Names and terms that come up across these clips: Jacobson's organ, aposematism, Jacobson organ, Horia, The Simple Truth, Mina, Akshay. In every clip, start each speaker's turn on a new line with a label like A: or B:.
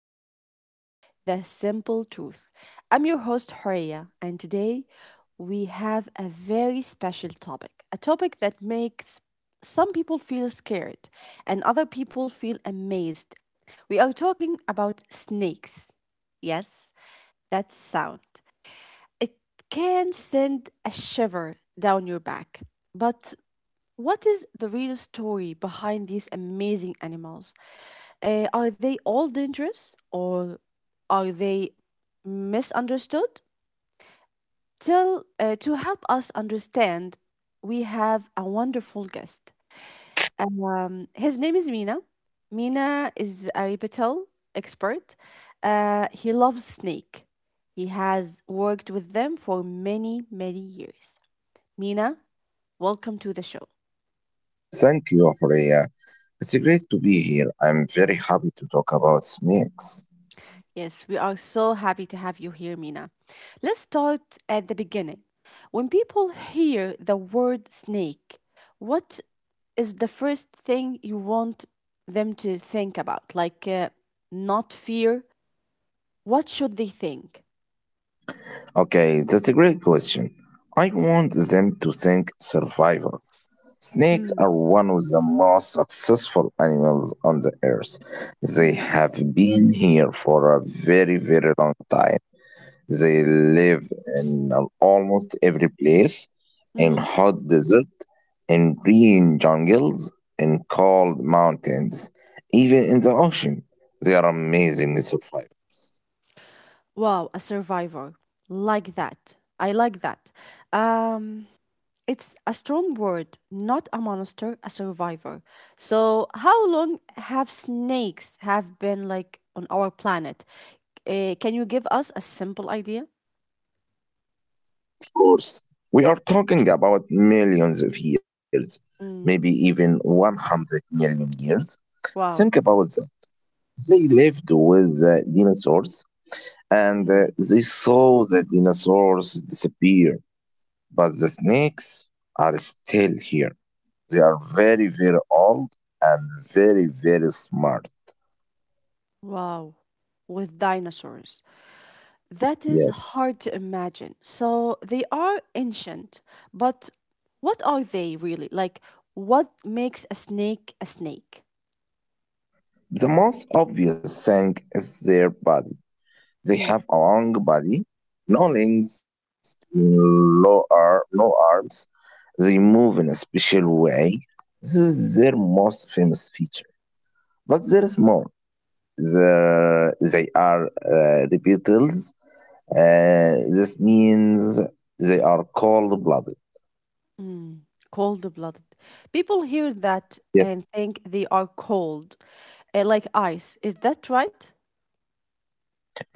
A: to our show, The Simple Truth. I'm your host, Horia, and today we have a very special topic a topic that makes some people feel scared and other people feel amazed. We are talking about snakes. Yes, that sound. It can send a shiver down your back, but what is the real story behind these amazing animals? Are they all dangerous or are they misunderstood? To help us understand, we have a wonderful guest. His name is Mina. Mina is a reptile expert. He loves snake. He has worked with them for many, many years. Mina, welcome to the show.
B: Thank you, Horia. It's great to be here. I'm very happy to talk about snakes.
A: Yes, we are so happy to have you here, Mina. Let's start at the beginning. When people hear the word snake, what is the first thing you want them to think about? Like, not fear? What should they think?
B: Okay, that's a great question. I want them to think survival. Snakes
A: Mm,
B: are one of the most successful animals on the earth. They
A: mhm,
B: have been here for a very, very long time. They
A: mm,
B: live in almost every place, in
A: mhm.
B: hot desert, in green jungles, in cold mountains, even in the ocean. They are amazingly survived.
A: Wow, a survivor. Like that. I like that. Um, It's a strong word, not a monster, a survivor. So, how long have snakes have been like on our planet? Can you give us a simple idea?
B: Of course, we are talking about millions of years, maybe even
A: Mm,
B: 100 million years. Think
A: wow.
B: about that. They lived with the dinosaurs, and
A: Mm,
B: they saw the dinosaurs disappear. But the snakes are still here. They are very, very old and very, very smart.
A: wow. With dinosaurs. That is
B: Yes.
A: hard to imagine. So they are ancient, but what are they really? Like, what makes a snake a snake?
B: The most obvious thing is their body. They
A: Mm,
B: have a long body, no legs, no arms. They move
A: mm.
B: in a special way. This is their most famous feature. But there is more. They are reptiles. This means they are cold blooded.
A: Mm, cold-blooded. People hear that
B: Yes.
A: and think they are cold, like ice. Is that right?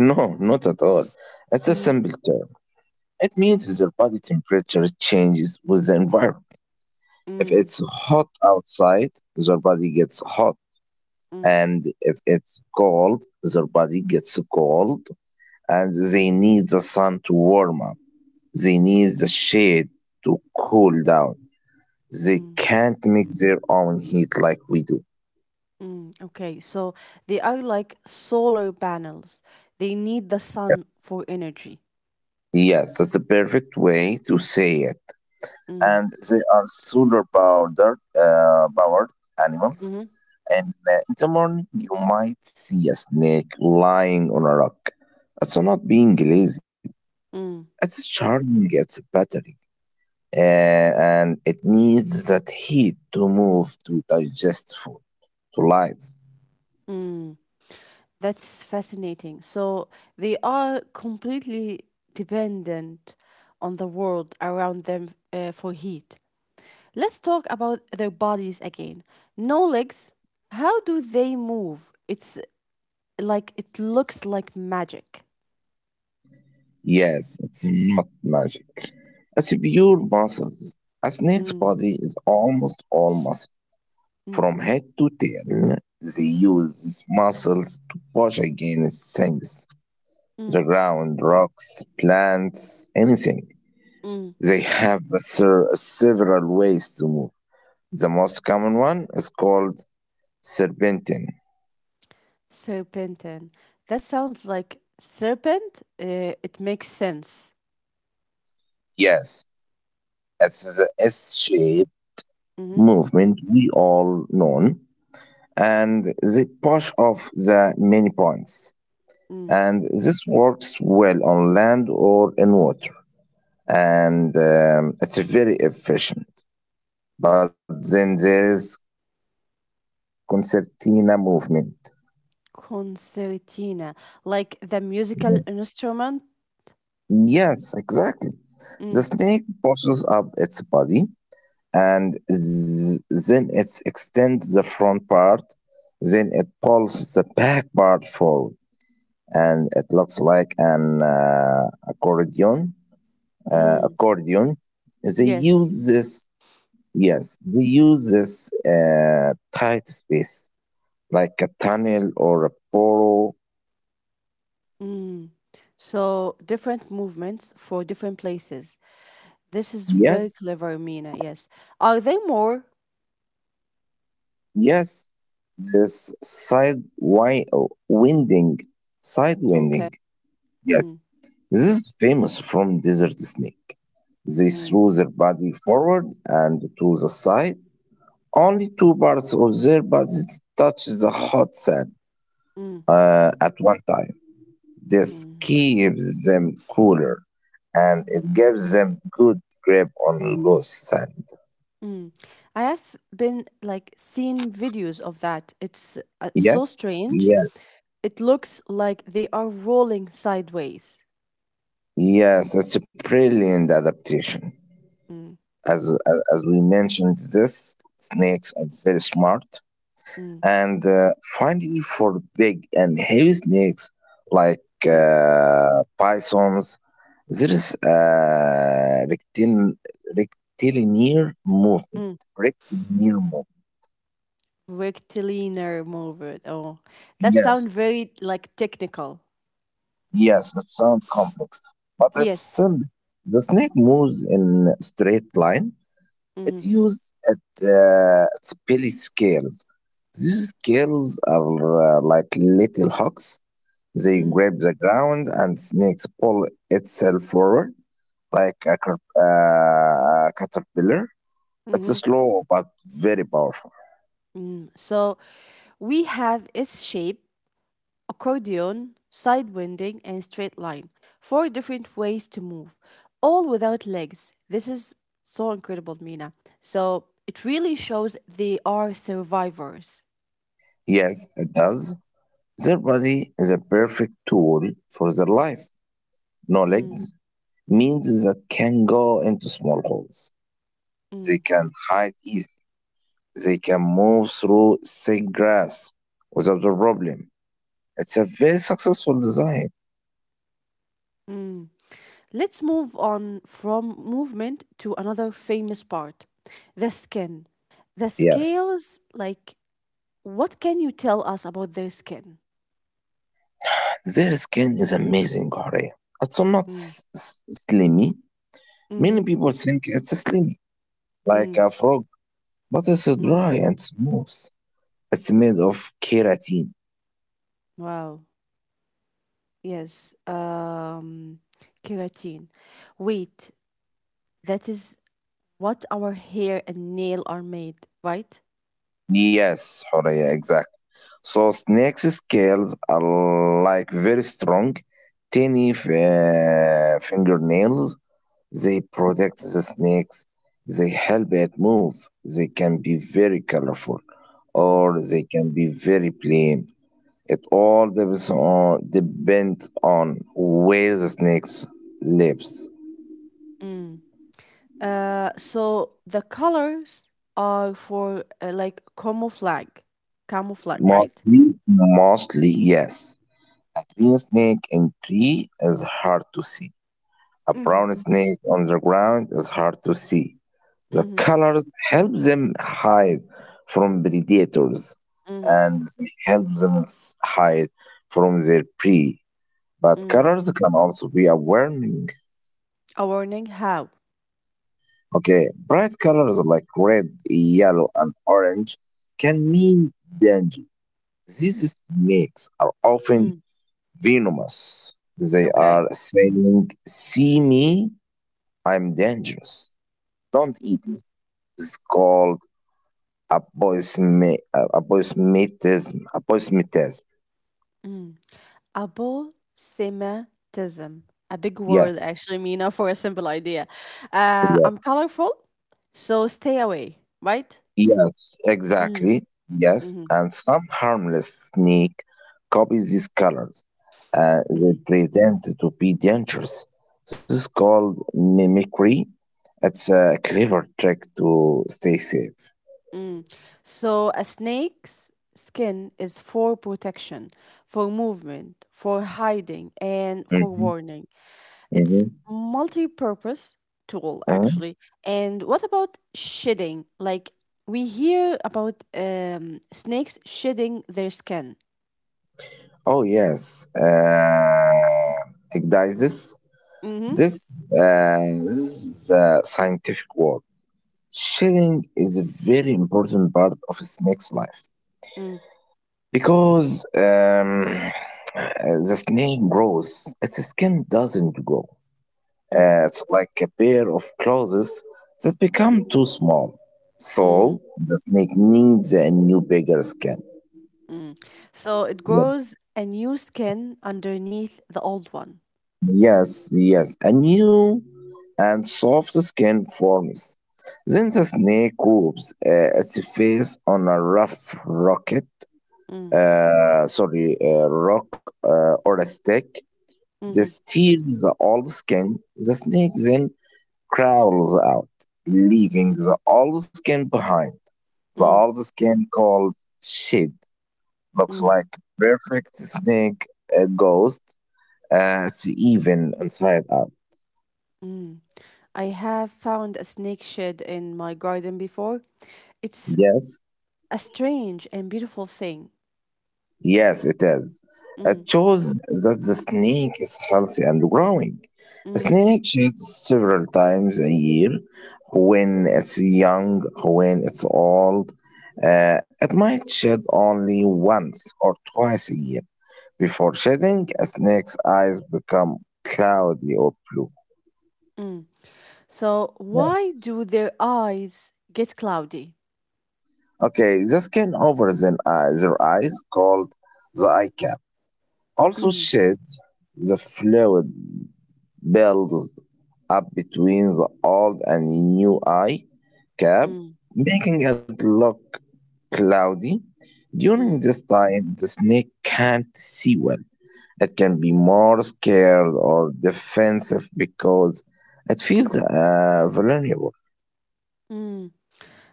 B: No, not at all. It's a
A: Mm,
B: simple term. It means their body temperature changes with the environment. If
A: mm,
B: it's hot outside, their body gets hot.
A: mm,
B: And if it's cold, their body gets cold. And they need the sun to warm up. They need the shade to cool down. They
A: mm,
B: can't make their own heat like we do.
A: mm. Okay, so they are like solar panels. They need the sun for energy.
B: Yes, that's the perfect way to say it.
A: Mm,
B: And they are solar powder powered animals.
A: mm,
B: And In the morning, you might see a snake lying on a rock. It's not being lazy.
A: mm,
B: It's charging its battery, and it needs that heat to move, to digest food, to life.
A: mm. That's fascinating. So they are completely dependent on the world around them for heat. Let's talk about their bodies again. No legs. How do they move? It's like it looks like magic.
B: Yes, it's not magic. It's pure muscles. A snake's
A: Mm,
B: body is almost all muscle.
A: mm,
B: From head to tail, they use these muscles to push against things: the
A: mm,
B: ground, rocks, plants, anything.
A: mm.
B: They have several ways to move. The most common one is called serpentine.
A: Serpentin. That sounds like serpent. It makes sense.
B: Yes, it's the S shaped
A: Hmm.
B: movement we all know, and they push off the many points.
A: Mm.
B: And this works well on land or in water. And it's very efficient. But then there is concertina movement.
A: Concertina, like the musical
B: Yes.
A: instrument.
B: Yes, exactly. The
A: Mm,
B: snake pushes up its body, and then it extends the front part. Then it pulls the back part forward, and it looks like an accordion. Uh,
A: mm.
B: accordion. They
A: Yes.
B: use this. Yes, they use this tight space like a tunnel or a burrow.
A: Mm. So different movements for different places. This is
B: Yes,
A: very clever, Mina. Yes. Are there more?
B: yes, this side wi- winding, side
A: Okay.
B: winding.
A: Mm,
B: Yes, this is famous from desert snake. They
A: mm,
B: throw their body forward and to the side. Only two parts of their bodies touch the hot sand
A: mm,
B: at one time. This
A: mm,
B: keeps them cooler, and it gives them good grip on loose sand.
A: mm. I have been like seen videos of that. It's
B: Yes.
A: so strange.
B: Yeah.
A: It looks like they are rolling sideways.
B: Yes, it's a brilliant adaptation.
A: Mm,
B: As we mentioned, this snakes are very smart.
A: mm,
B: And finally, for big and heavy snakes like
A: mm,
B: bisons, there is a rectilinear movement.
A: mm.
B: Rectilinear movement.
A: Rectilinear movement. Oh, that sounds
B: Yes,
A: very like technical.
B: yes, it sounds complex, but it's
A: Yes.
B: simple. The snake moves in straight line. It
A: Mm-hmm,
B: uses at its belly scales. These scales are like little hooks. They
A: mm,
B: grab the ground and snakes pull itself forward like a caterpillar. It's
A: mm-hmm.
B: slow but very powerful.
A: So we have S shape accordion, side winding, and straight line. Four different ways to move, all without legs. This is so incredible, Mina. So it really shows they are survivors.
B: Yes, it does. Their body is a perfect tool for their life. No
A: Mm,
B: legs means that can go into small holes. They
A: mm.
B: can hide easily. They can move through thick grass without a problem. It's a very successful design.
A: Let's move on from movement to another famous part the skin. The
B: Yes.
A: scales, like, what can you tell us about their skin?
B: Their skin is amazing, Bahrain. It's not
A: Mm,
B: slimy. Many
A: mm-hmm,
B: people think it's slimy, like
A: mm,
B: a frog, but it's dry
A: mm.
B: and smooth. It's made of keratin.
A: Wow. Yes, keratin. Wait, that is what our hair and nail are made, right?
B: Yes, Horea, exactly. So snake's scales are like very strong, tiny fingernails. They protect the snakes, they help it move, they can be very colorful,
A: Mm,
B: or they can be very plain. It all depends on where the snakes lives.
A: mm. So the colors are for like camouflage, right?
B: Mostly, mostly, yes. A green snake in tree is hard to see. A
A: Mm-hmm,
B: brown snake on the ground is hard to see. The
A: mm-hmm,
B: colors help them hide from predators,
A: mm-hmm,
B: and they help them hide from their prey. But
A: mm.
B: colors can also be a warning.
A: A warning how?
B: Okay, bright colors like red, yellow, and orange can mean danger. These snakes are
A: Mm,
B: often venomous. They
A: okay.
B: are saying, "See me, I'm dangerous. Don't eat me." It's called appointmentism.
A: Mm. Abosematism. A big word,
B: Yes,
A: actually, Mina, for a simple idea.
B: yes, yeah,
A: I'm colorful, so stay away, right?
B: yes,
A: Mm,
B: exactly. Yes,
A: mm-hmm,
B: and some harmless snake copies these colors. They
A: mm,
B: pretend to be dangerous. This is called mimicry. It's a clever trick to stay safe.
A: mm. So, a snake's skin is for protection, for movement, for hiding, and for
B: Mhm,
A: warning. It's
B: mhm,
A: multi purpose tool,
B: mhm.
A: actually. And what about shedding? Like, we hear about snakes shedding their skin.
B: Oh yes, Igdias.
A: Mhm.
B: This this is a scientific word. Shedding is a very important part of a snake's life
A: Mm,
B: because the snake grows, its skin doesn't grow.
A: mm,
B: It's like a pair of claws that become too small. So
A: mm,
B: the snake needs a new, bigger skin.
A: mm. So it grows
B: Yes,
A: a new skin underneath the old one.
B: yes, yes. A new and soft skin forms. Then the snake rubs its face on a rough rocket,
A: Mm,
B: rock or a stick.
A: mm,
B: This tears the old skin. The snake then crawls out, leaving the old skin behind. The
A: mm,
B: old skin, called shed, looks
A: mm,
B: like perfect snake ghost. It's even inside out.
A: mm. I have found a snake shed in my garden before. It's
B: Yes.
A: a strange and beautiful thing.
B: Yes, it is.
A: Mm,
B: It shows that the snake is healthy and growing. A
A: mm,
B: snake sheds several times a year. When it's young, when it's old, it might shed only once or twice a year. Before shedding, a snake's eyes become cloudy or blue.
A: mm. So why
B: Yes.
A: do their eyes get cloudy?
B: Okay, the skin over the their eyes, called the eye cap, also
A: Mm,
B: sheds. The fluid builds up between the old and new eye cap,
A: mm,
B: making it look cloudy. During
A: mm,
B: this time, the snake can't see well. It can be more scared or defensive because it feels vulnerable.
A: mm.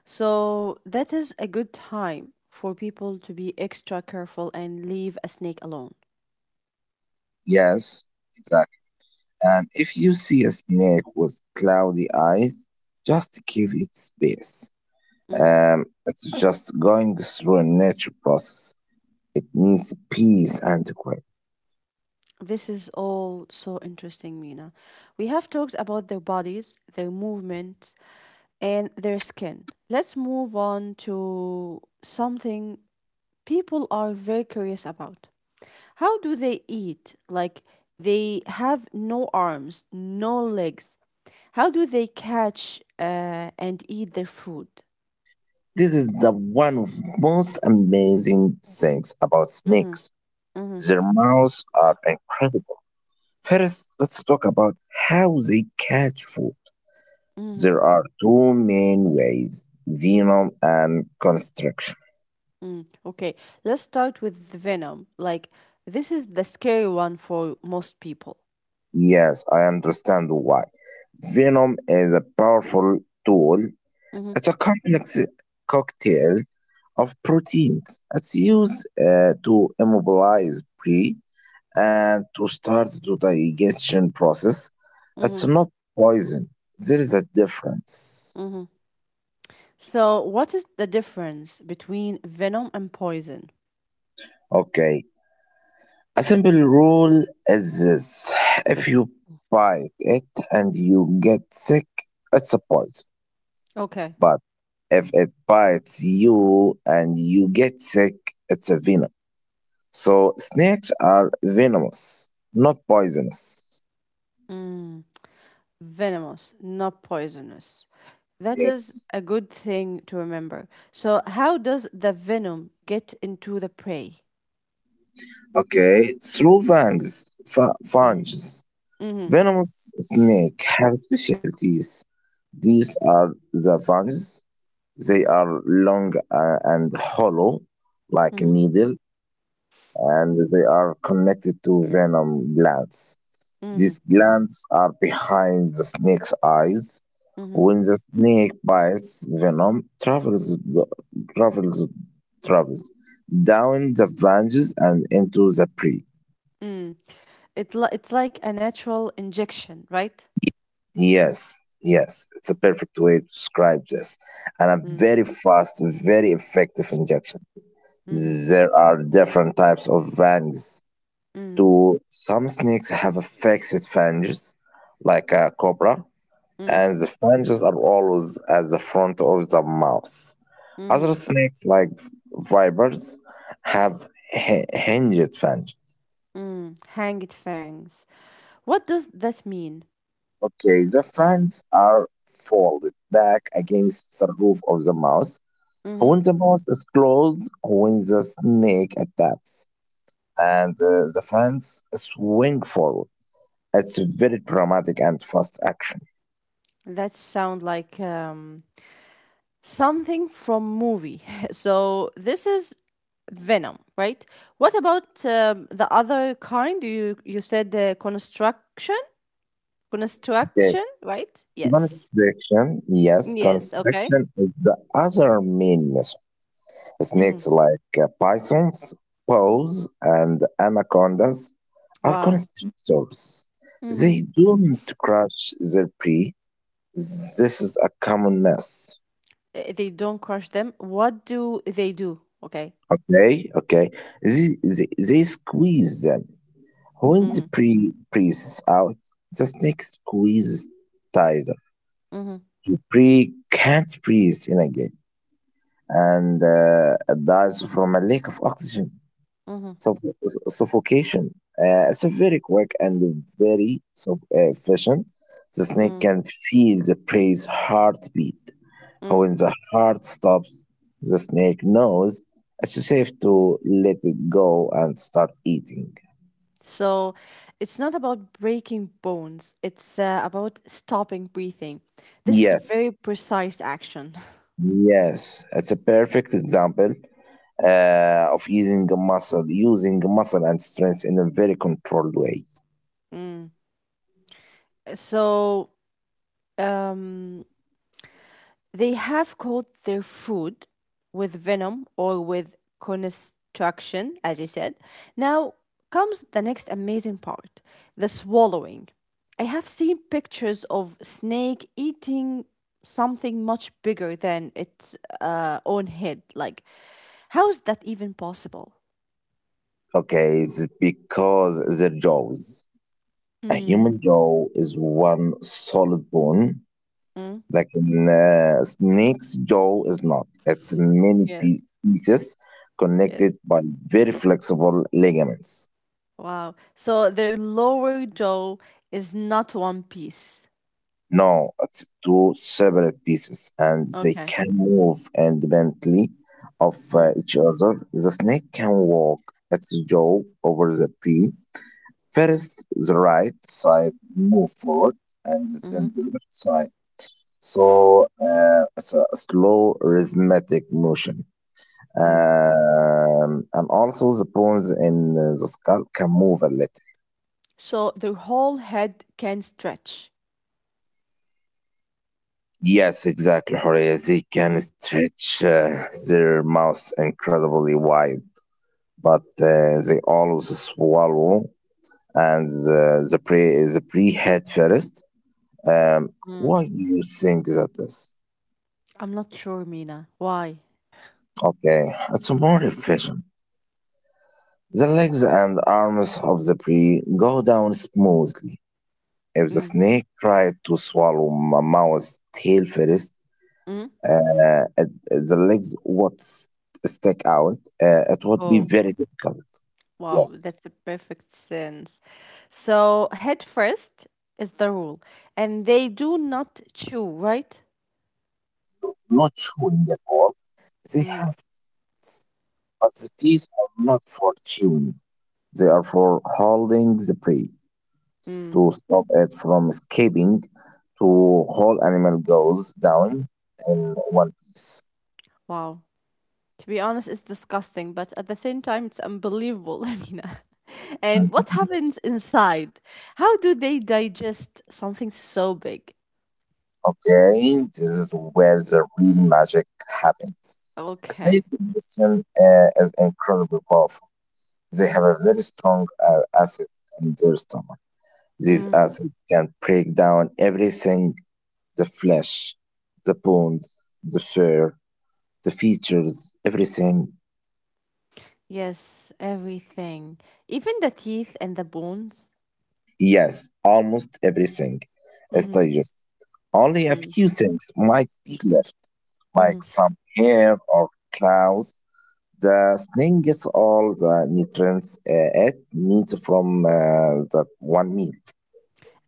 A: So that is a good time for people to be extra careful and leave a snake alone.
B: Yes, exactly. And if you see a snake with cloudy eyes, just give it space.
A: Mm.
B: It's just going through a nature process. It needs peace and quiet.
A: This is all so interesting, Mina. We have talked about their bodies, their movement, and their skin. Let's move on to something people are very curious about. How do they eat? Like, they have no arms, no legs. How do they catch and eat their food?
B: This is the one of most amazing things about
A: Mm-hmm,
B: snakes.
A: mm-hmm,
B: Their mouths are incredible. First, let's talk about how they catch food.
A: mm-hmm,
B: There are two main ways, venom and constriction.
A: mm. Okay, let's start with the venom. Like, this is the scary one for most people.
B: Yes, I understand why. Venom is a powerful tool.
A: Mm-hmm.
B: It's a complex cocktail of proteins. It's used to immobilize prey and to start the digestion process.
A: Mm-hmm.
B: It's not poison. There is a difference.
A: Mm-hmm. So, what is the difference between venom and poison?
B: Okay. A simple rule is this. If you bite it and you get sick, it's a poison.
A: Okay.
B: But if it bites you and you get sick, it's a venom. So snakes are venomous, not poisonous.
A: Mm. Venomous, not poisonous. That is
B: Yes.
A: a good thing to remember. So, how does the venom get into the prey?
B: Okay. Through fangs,
A: Mm.
B: fangs.
A: Mm-hmm.
B: Venomous snakes have special teeth. These are the fangs. They are long and hollow, like a
A: Mm-hmm.
B: needle, and they are connected to venom glands.
A: Mm-hmm.
B: These glands are behind the snake's eyes.
A: Mm-hmm.
B: When the snake bites, venom travels, travels down the fangs and into the prey.
A: Mm. It's like a natural injection, right?
B: Yes, yes, it's a perfect way to describe this. And a
A: Mm.
B: very fast, very effective injection.
A: Mm-hmm.
B: There are different types of fangs
A: Mm-hmm.
B: too. Some snakes have a fixed fangs, like a cobra,
A: Mm.
B: and the fangs are always at the front of the mouth.
A: Mm-hmm.
B: Other snakes, like vipers, have hinged fangs.
A: Mm. Hang it fangs. What does that mean?
B: Okay, the fangs are folded back against the roof of the mouth.
A: Mm-hmm.
B: When the mouth is closed, when the snake attacks, and the fangs swing forward, it's very dramatic and fast action.
A: That sound like something from movie. So this is venom, right? What about the other kind? You said the construction,
B: Okay.
A: construction, right? Yes,
B: Constriction, yes,
A: yes. Okay.
B: constriction is the other main method.
A: Hmm.
B: Snakes like pythons, boas, and anacondas are
A: Wow.
B: constrictors.
A: Hmm.
B: They don't crush their prey. This is a common mess.
A: They don't crush them. What do they do? Okay.
B: Okay, okay. They squeeze them. When
A: Mm-hmm.
B: the prey breathes out, the snake squeezes tighter.
A: Mm-hmm.
B: The prey can't breathe in again and dies from a lack of oxygen,
A: Mm-hmm.
B: suff- suffocation. It's a very quick and very efficient. The snake
A: Mm-hmm.
B: can feel the prey's heartbeat.
A: Mm.
B: When the heart stops, the snake knows it's safe to let it go and start eating.
A: So it's not about breaking bones, it's about stopping breathing. This is a
B: Yes,
A: very precise action.
B: yes, it's a perfect example of using muscle and strength in a very controlled way.
A: Mm. So um, they have caught their food with venom or with constriction, as you said. Now comes the next amazing part the swallowing. I have seen pictures of snake eating something much bigger than its own head. Like, how is that even possible?
B: Okay, it's because the jaws. A
A: Mm.
B: human jaw is one solid bone,
A: Mm.
B: like a snake's jaw is not. It's many
A: Yes,
B: pieces connected
A: yes.
B: by very flexible ligaments.
A: Wow. So their lower jaw is not one piece.
B: No, it's two separate pieces, and they
A: Okay.
B: can move independently of
A: Mm.
B: each other. The snake can walk its jaw over the pea. First, the right side move forward, and
A: Mm-hmm.
B: then the left side. So it's a slow rhythmic motion.
A: Hmm.
B: And also the bones in the skull can move a little.
A: So the whole head can stretch.
B: Yes, exactly, Horea. They can
A: Mm,
B: stretch their mouths incredibly wide, but they always swallow, and the prey is a pre head first. Um,
A: mm.
B: why do you think that is?
A: I'm not sure, Mina. Why?
B: Okay, it's more efficient. The legs and arms of the prey go down smoothly. If the
A: Mm.
B: snake tried to swallow a mouse tail first,
A: Mm.
B: uh, at- at the legs stick out. It would be
A: Oh,
B: very difficult.
A: wow,
B: Yes,
A: that's a perfect sense. So, head first is the rule, and they do not chew, right?
B: not chewing at all. They
A: Mm.
B: have teeth, but the teeth are not for chewing. They are for holding the prey
A: Mm.
B: to stop it from escaping. To whole animal goes down in one piece.
A: Wow. To be honest, it's disgusting, but at the same time, it's unbelievable, Mina. And what
B: Mhm.
A: happens inside? How do they digest something so big?
B: Okay, this is where the real magic happens. Snake
A: Okay.
B: digestion is incredibly powerful. They have a very strong acid in their stomach. These acids can break down everything, the flesh, the bones, the fur, the features, everything.
A: Yes, everything. Even the teeth and the bones.
B: Yes, almost everything is
A: Hmm.
B: digested. Only a few things might be left, like
A: Hmm.
B: some hair or claws. The snail gets all the nutrients it needs from that one meal.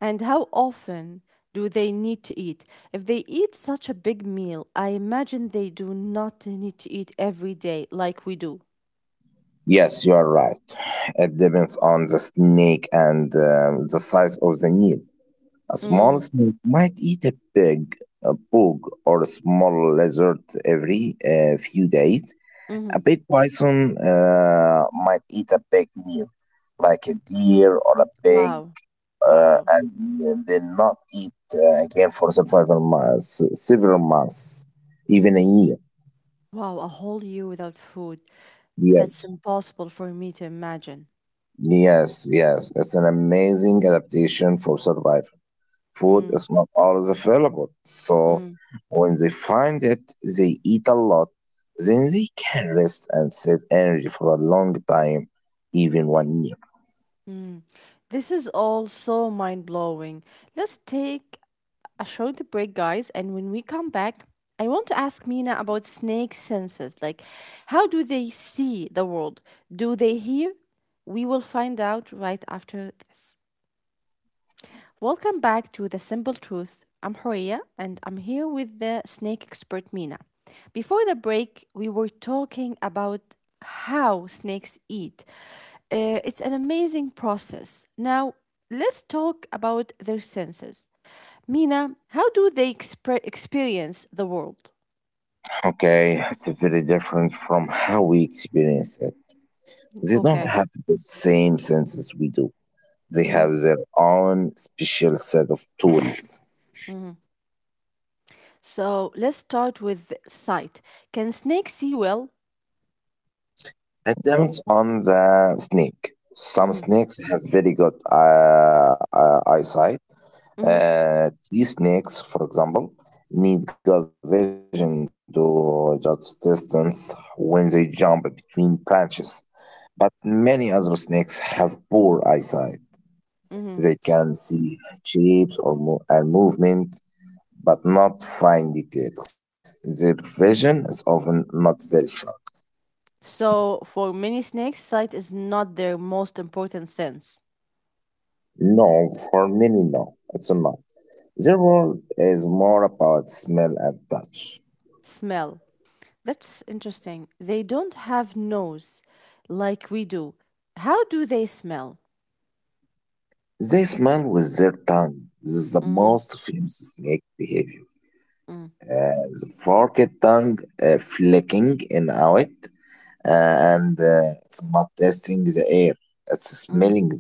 A: And how often do they need to eat? If they eat such a big meal, I imagine they do not need to eat every day like we do.
B: Yes, you are right. It depends on the snake and the size of the meal. A small
A: Mm,
B: snake might eat a pig, a pug, or a small lizard every few days.
A: mm-hmm.
B: A big bison might eat a big meal, like a deer or a pig,
A: Wow. Wow.
B: and then not eat again for several months, even a year.
A: Wow, a whole year without food. That's
B: Yes.
A: impossible for me to imagine.
B: Yes, yes, it's an amazing adaptation for survival. Food
A: Mm,
B: is not always available, so
A: mm.
B: when they find it, they eat a lot. Then they can rest and save energy for a long time, even 1 year.
A: This is all so mind blowing. Let's take a short break, guys. And when we come back, I want to ask Mina about snake senses. Like, how do they see the world? Do they hear? We will find out right after this. Welcome back to The Simple Truth. I'm Horia and I'm here with the snake expert Mina. Before the break, we were talking about how snakes eat. It's an amazing process. Now, let's talk about their senses. Mina, how do they experience the world?
B: Okay, it's very different from how we experience it. They don't
A: Okay.
B: have the same senses we do. They
A: Mhm,
B: have their own special set of tools.
A: mhm. So let's start with sight. Can snakes see well?
B: It depends on the snake. Some
A: Mhm,
B: snakes have very good eyesight.
A: mhm,
B: These snakes, for example, need good vision to judge distance when they jump between branches. But many other snakes have poor eyesight. They
A: mhm.
B: can see shapes or and movement, but not fine details. Their vision is often not very sharp.
A: So for many snakes, sight is not their most important sense.
B: No, for many, no, it's not. Their world is more about smell and touch.
A: Smell. That's interesting. They don't have nose like we do. How do they smell?
B: They smell with their tongue. This is the
A: Mhm,
B: most famous snake behavior.
A: mm,
B: The forked tongue flicking in out and it's not tasting the air, it's
A: mm.
B: smelling the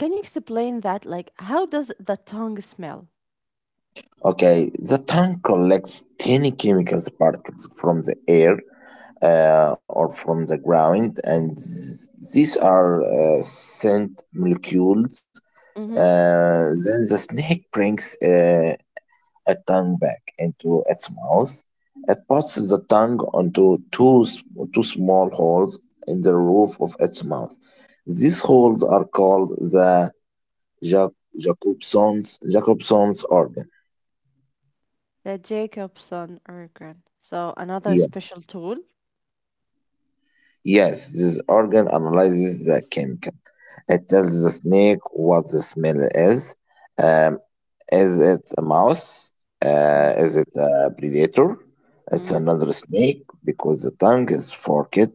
A: Can you explain that? Like, how does the tongue smell?
B: air. Okay, the tongue collects tiny chemicals particles from the air or from the ground, and these are scent molecules. Then the snake brings a tongue back into its mouth. It puts the tongue onto two, s- two small holes in the roof of its mouth. These holes are called the Ja- Jacobson's, Jacobson's organ.
A: The Jacobson organ. So another
B: Yes.
A: special tool.
B: Yes, this organ analyzes the chemical. It tells the snake what the smell is. Um, is it a mouse? Uh,
A: Mm,
B: is it a predator? It's
A: mm,
B: another snake because the tongue is forked.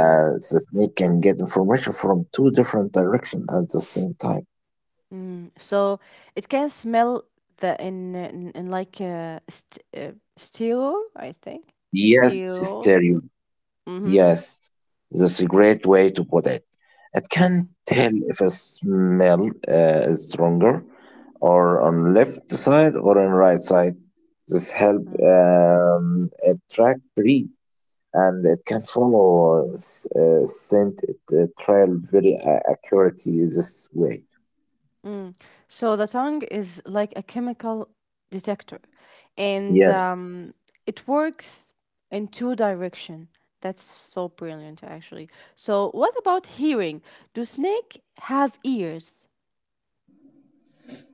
A: mm,
B: The snake can get information from two different directions at the same time.
A: mm. So it can smell the in like st steel, I think.
B: Yes, sister,
A: Steel. Mm-hmm.
B: yes, that's a great way to put it. It can
A: Mm,
B: tell if a smell is stronger or on left side or on right side. This help
A: mm,
B: it track tree and it can follow scent trail very accurately this way.
A: mm. So the tongue is like a chemical detector, and
B: Yes,
A: it works in two direction. That's so brilliant, actually. So what about hearing? Do snake have ears?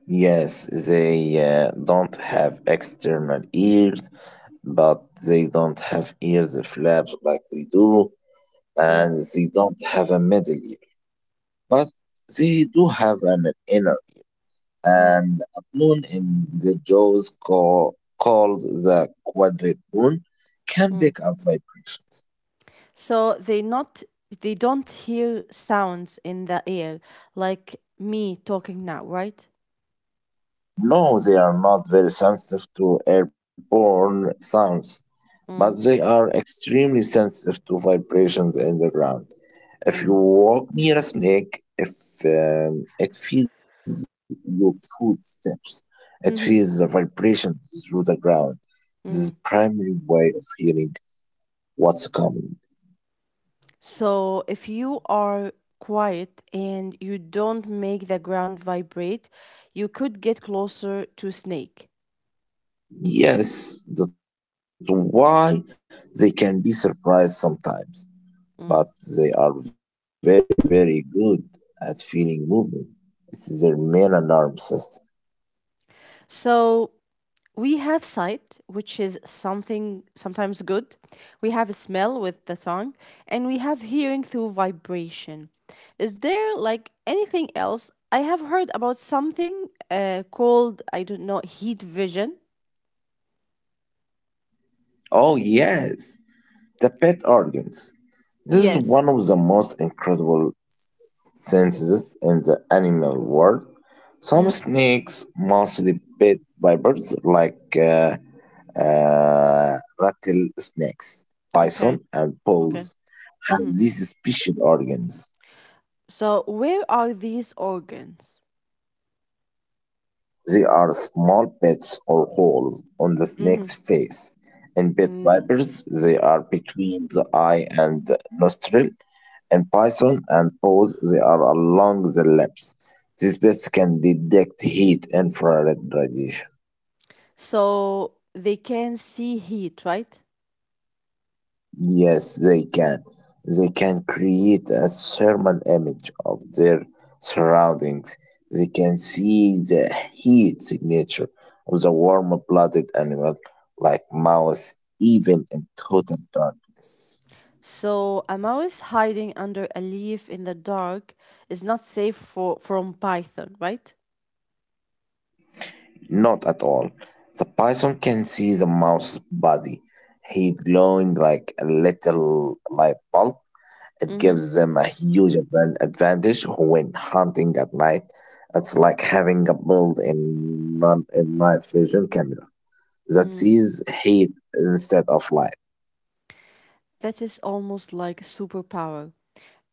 B: yes, they don't have external ears, but they don't have ears flaps like we do, and
A: Mm,
B: they don't have a middle ear, but they do have an inner
A: mm,
B: and a bone in the jaws called the quadrate bone can pick
A: mm.
B: up vibrations.
A: So they don't hear sounds in the air like me talking now, right?
B: No, they are not very sensitive to airborne sounds, but
A: Mm,
B: they are extremely sensitive to vibrations in the ground.
A: mm,
B: If you walk near a snake, if it feels your footsteps, it
A: mm-hmm,
B: feels the vibration through the ground.
A: mm-hmm.
B: This is primary way of hearing what's coming.
A: So if you are quiet and you don't make the ground vibrate, you could get closer to snake.
B: Yes, that's why they can be surprised sometimes,
A: Mm.
B: but they are very, very good at feeling movement. It's their main alarm system.
A: So we have sight, which is something sometimes good. We have a smell with the tongue, and we have hearing through vibration. Is there like anything else? I have heard about something called, I don't know, heat vision.
B: Oh yes, the pet organs. This is one
A: Yes.
B: of the most incredible senses in the animal world. Some
A: Mm,
B: snakes, mostly pet vipers like rattlesnakes, bison,
A: okay,
B: and
A: okay.
B: bulls, have
A: Hmm.
B: these special organs.
A: So, where are these organs?
B: They are small pits or holes on the
A: Mm-hmm.
B: snake's face. In pit
A: Mm.
B: vipers, they are between the eye and nostril. In python and toes, they are along the lips. These pits can detect heat, infrared radiation.
A: So, they can see heat, right?
B: Yes, they can. They can create a thermal image of their surroundings. They can see the heat signature of the warm blooded animal, like mouse, even in total darkness.
A: So a mouse hiding under a leaf in the dark is not safe for from Python, right?
B: Not at all. The python can see the mouse's body, heat glowing like a little light bulb. It
A: Mm-hmm.
B: gives them a huge advantage when hunting at night. It's like having a built-in non- in night vision camera that
A: Mm.
B: sees heat instead of light.
A: That is almost like a superpower.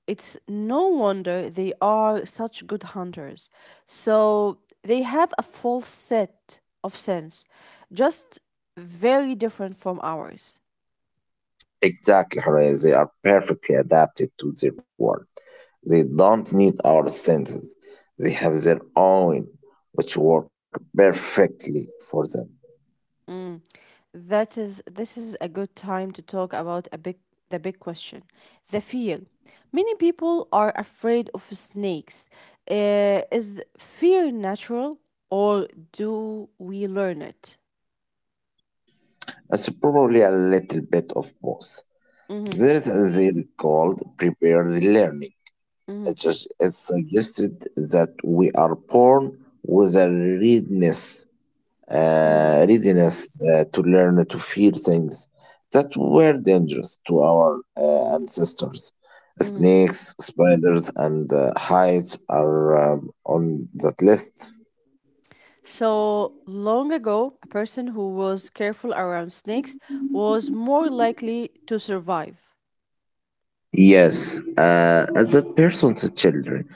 A: It's no wonder they are such good hunters. So they have a full set of sense, just very different from ours.
B: Exactly, Horea, they are perfectly adapted to their world. They don't need our senses. They have their own, which work perfectly for them.
A: This is a good time to talk about the big question, the fear. Many people are afraid of snakes. Is fear natural or do we learn it?
B: It's probably a little bit of both.
A: Mm-hmm,
B: There is a theory called prepared learning.
A: mm-hmm,
B: It's suggested that we are born with a readiness,
A: mm,
B: to learn to fear things that were dangerous to our ancestors.
A: mm.
B: Snakes, spiders, and heights are on that list.
A: So long ago, a person who was careful around snakes was more likely to survive.
B: Yes, as a person's children,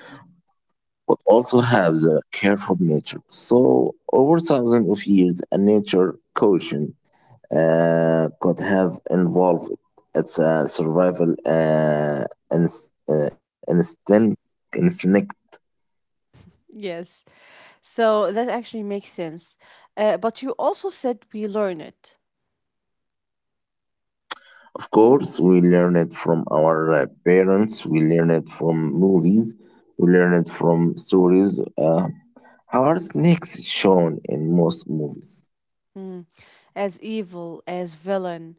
B: but also have the careful nature. So, over 1,000s of years, a nature caution could have involved. It's a survival inst- uh, instinct, instinct.
A: Yes, so that actually makes sense. But you also said we learn it.
B: Of course, we learn it from our parents, we learn it from movies, we learn it from stories. How are snakes shown in most movies?
A: Mm. As evil, as villain,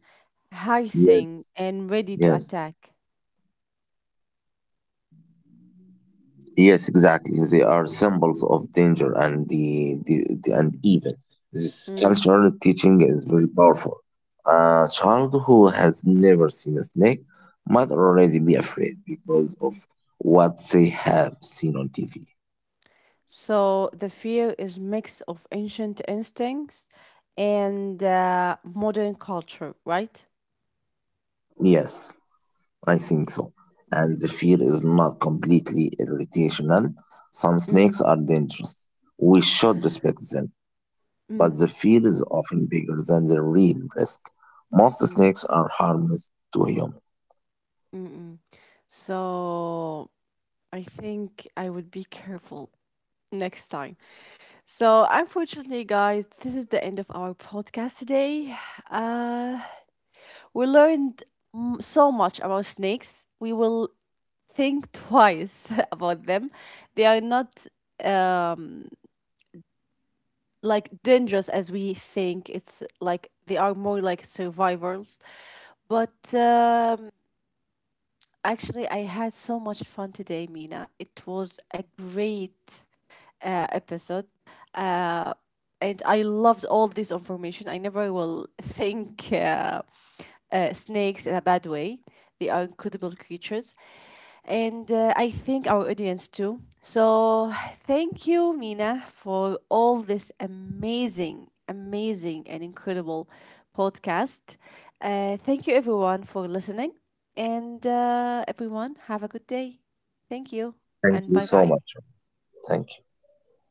A: hissing
B: Yes,
A: and ready to
B: yes.
A: attack.
B: Yes, exactly. They are symbols of danger and evil. This
A: Mm.
B: cultural teaching is very powerful. A child who has never seen a snake might already be afraid because of what they have seen on TV.
A: So the fear is mix of ancient instincts and modern culture, right?
B: Yes,
A: Mm.
B: I think so. And the fear is not completely irrational. Some
A: Mm.
B: snakes are dangerous. We should respect them,
A: Mm.
B: but the fear is often bigger than the real risk. Most
A: Mm.
B: snakes are harmless to humans.
A: Mm-mm. So I think I would be careful next time. So unfortunately, guys, this is the end of our podcast today. Uh, We learned so much about snakes. We will think twice about them. They are not um, like dangerous as we think. It's like they are more like survivors. But actually, I had so much fun today, Mina. It was a great episode. Uh, and I loved all this information. I never will think snakes in a bad way. They are incredible creatures. And I think our audience too. So thank you, Mina, for all this amazing, amazing, and incredible podcast. Thank you, everyone, for listening. And everyone, have a good day. Thank you, and bye bye.
B: Thank you so much. Thank you.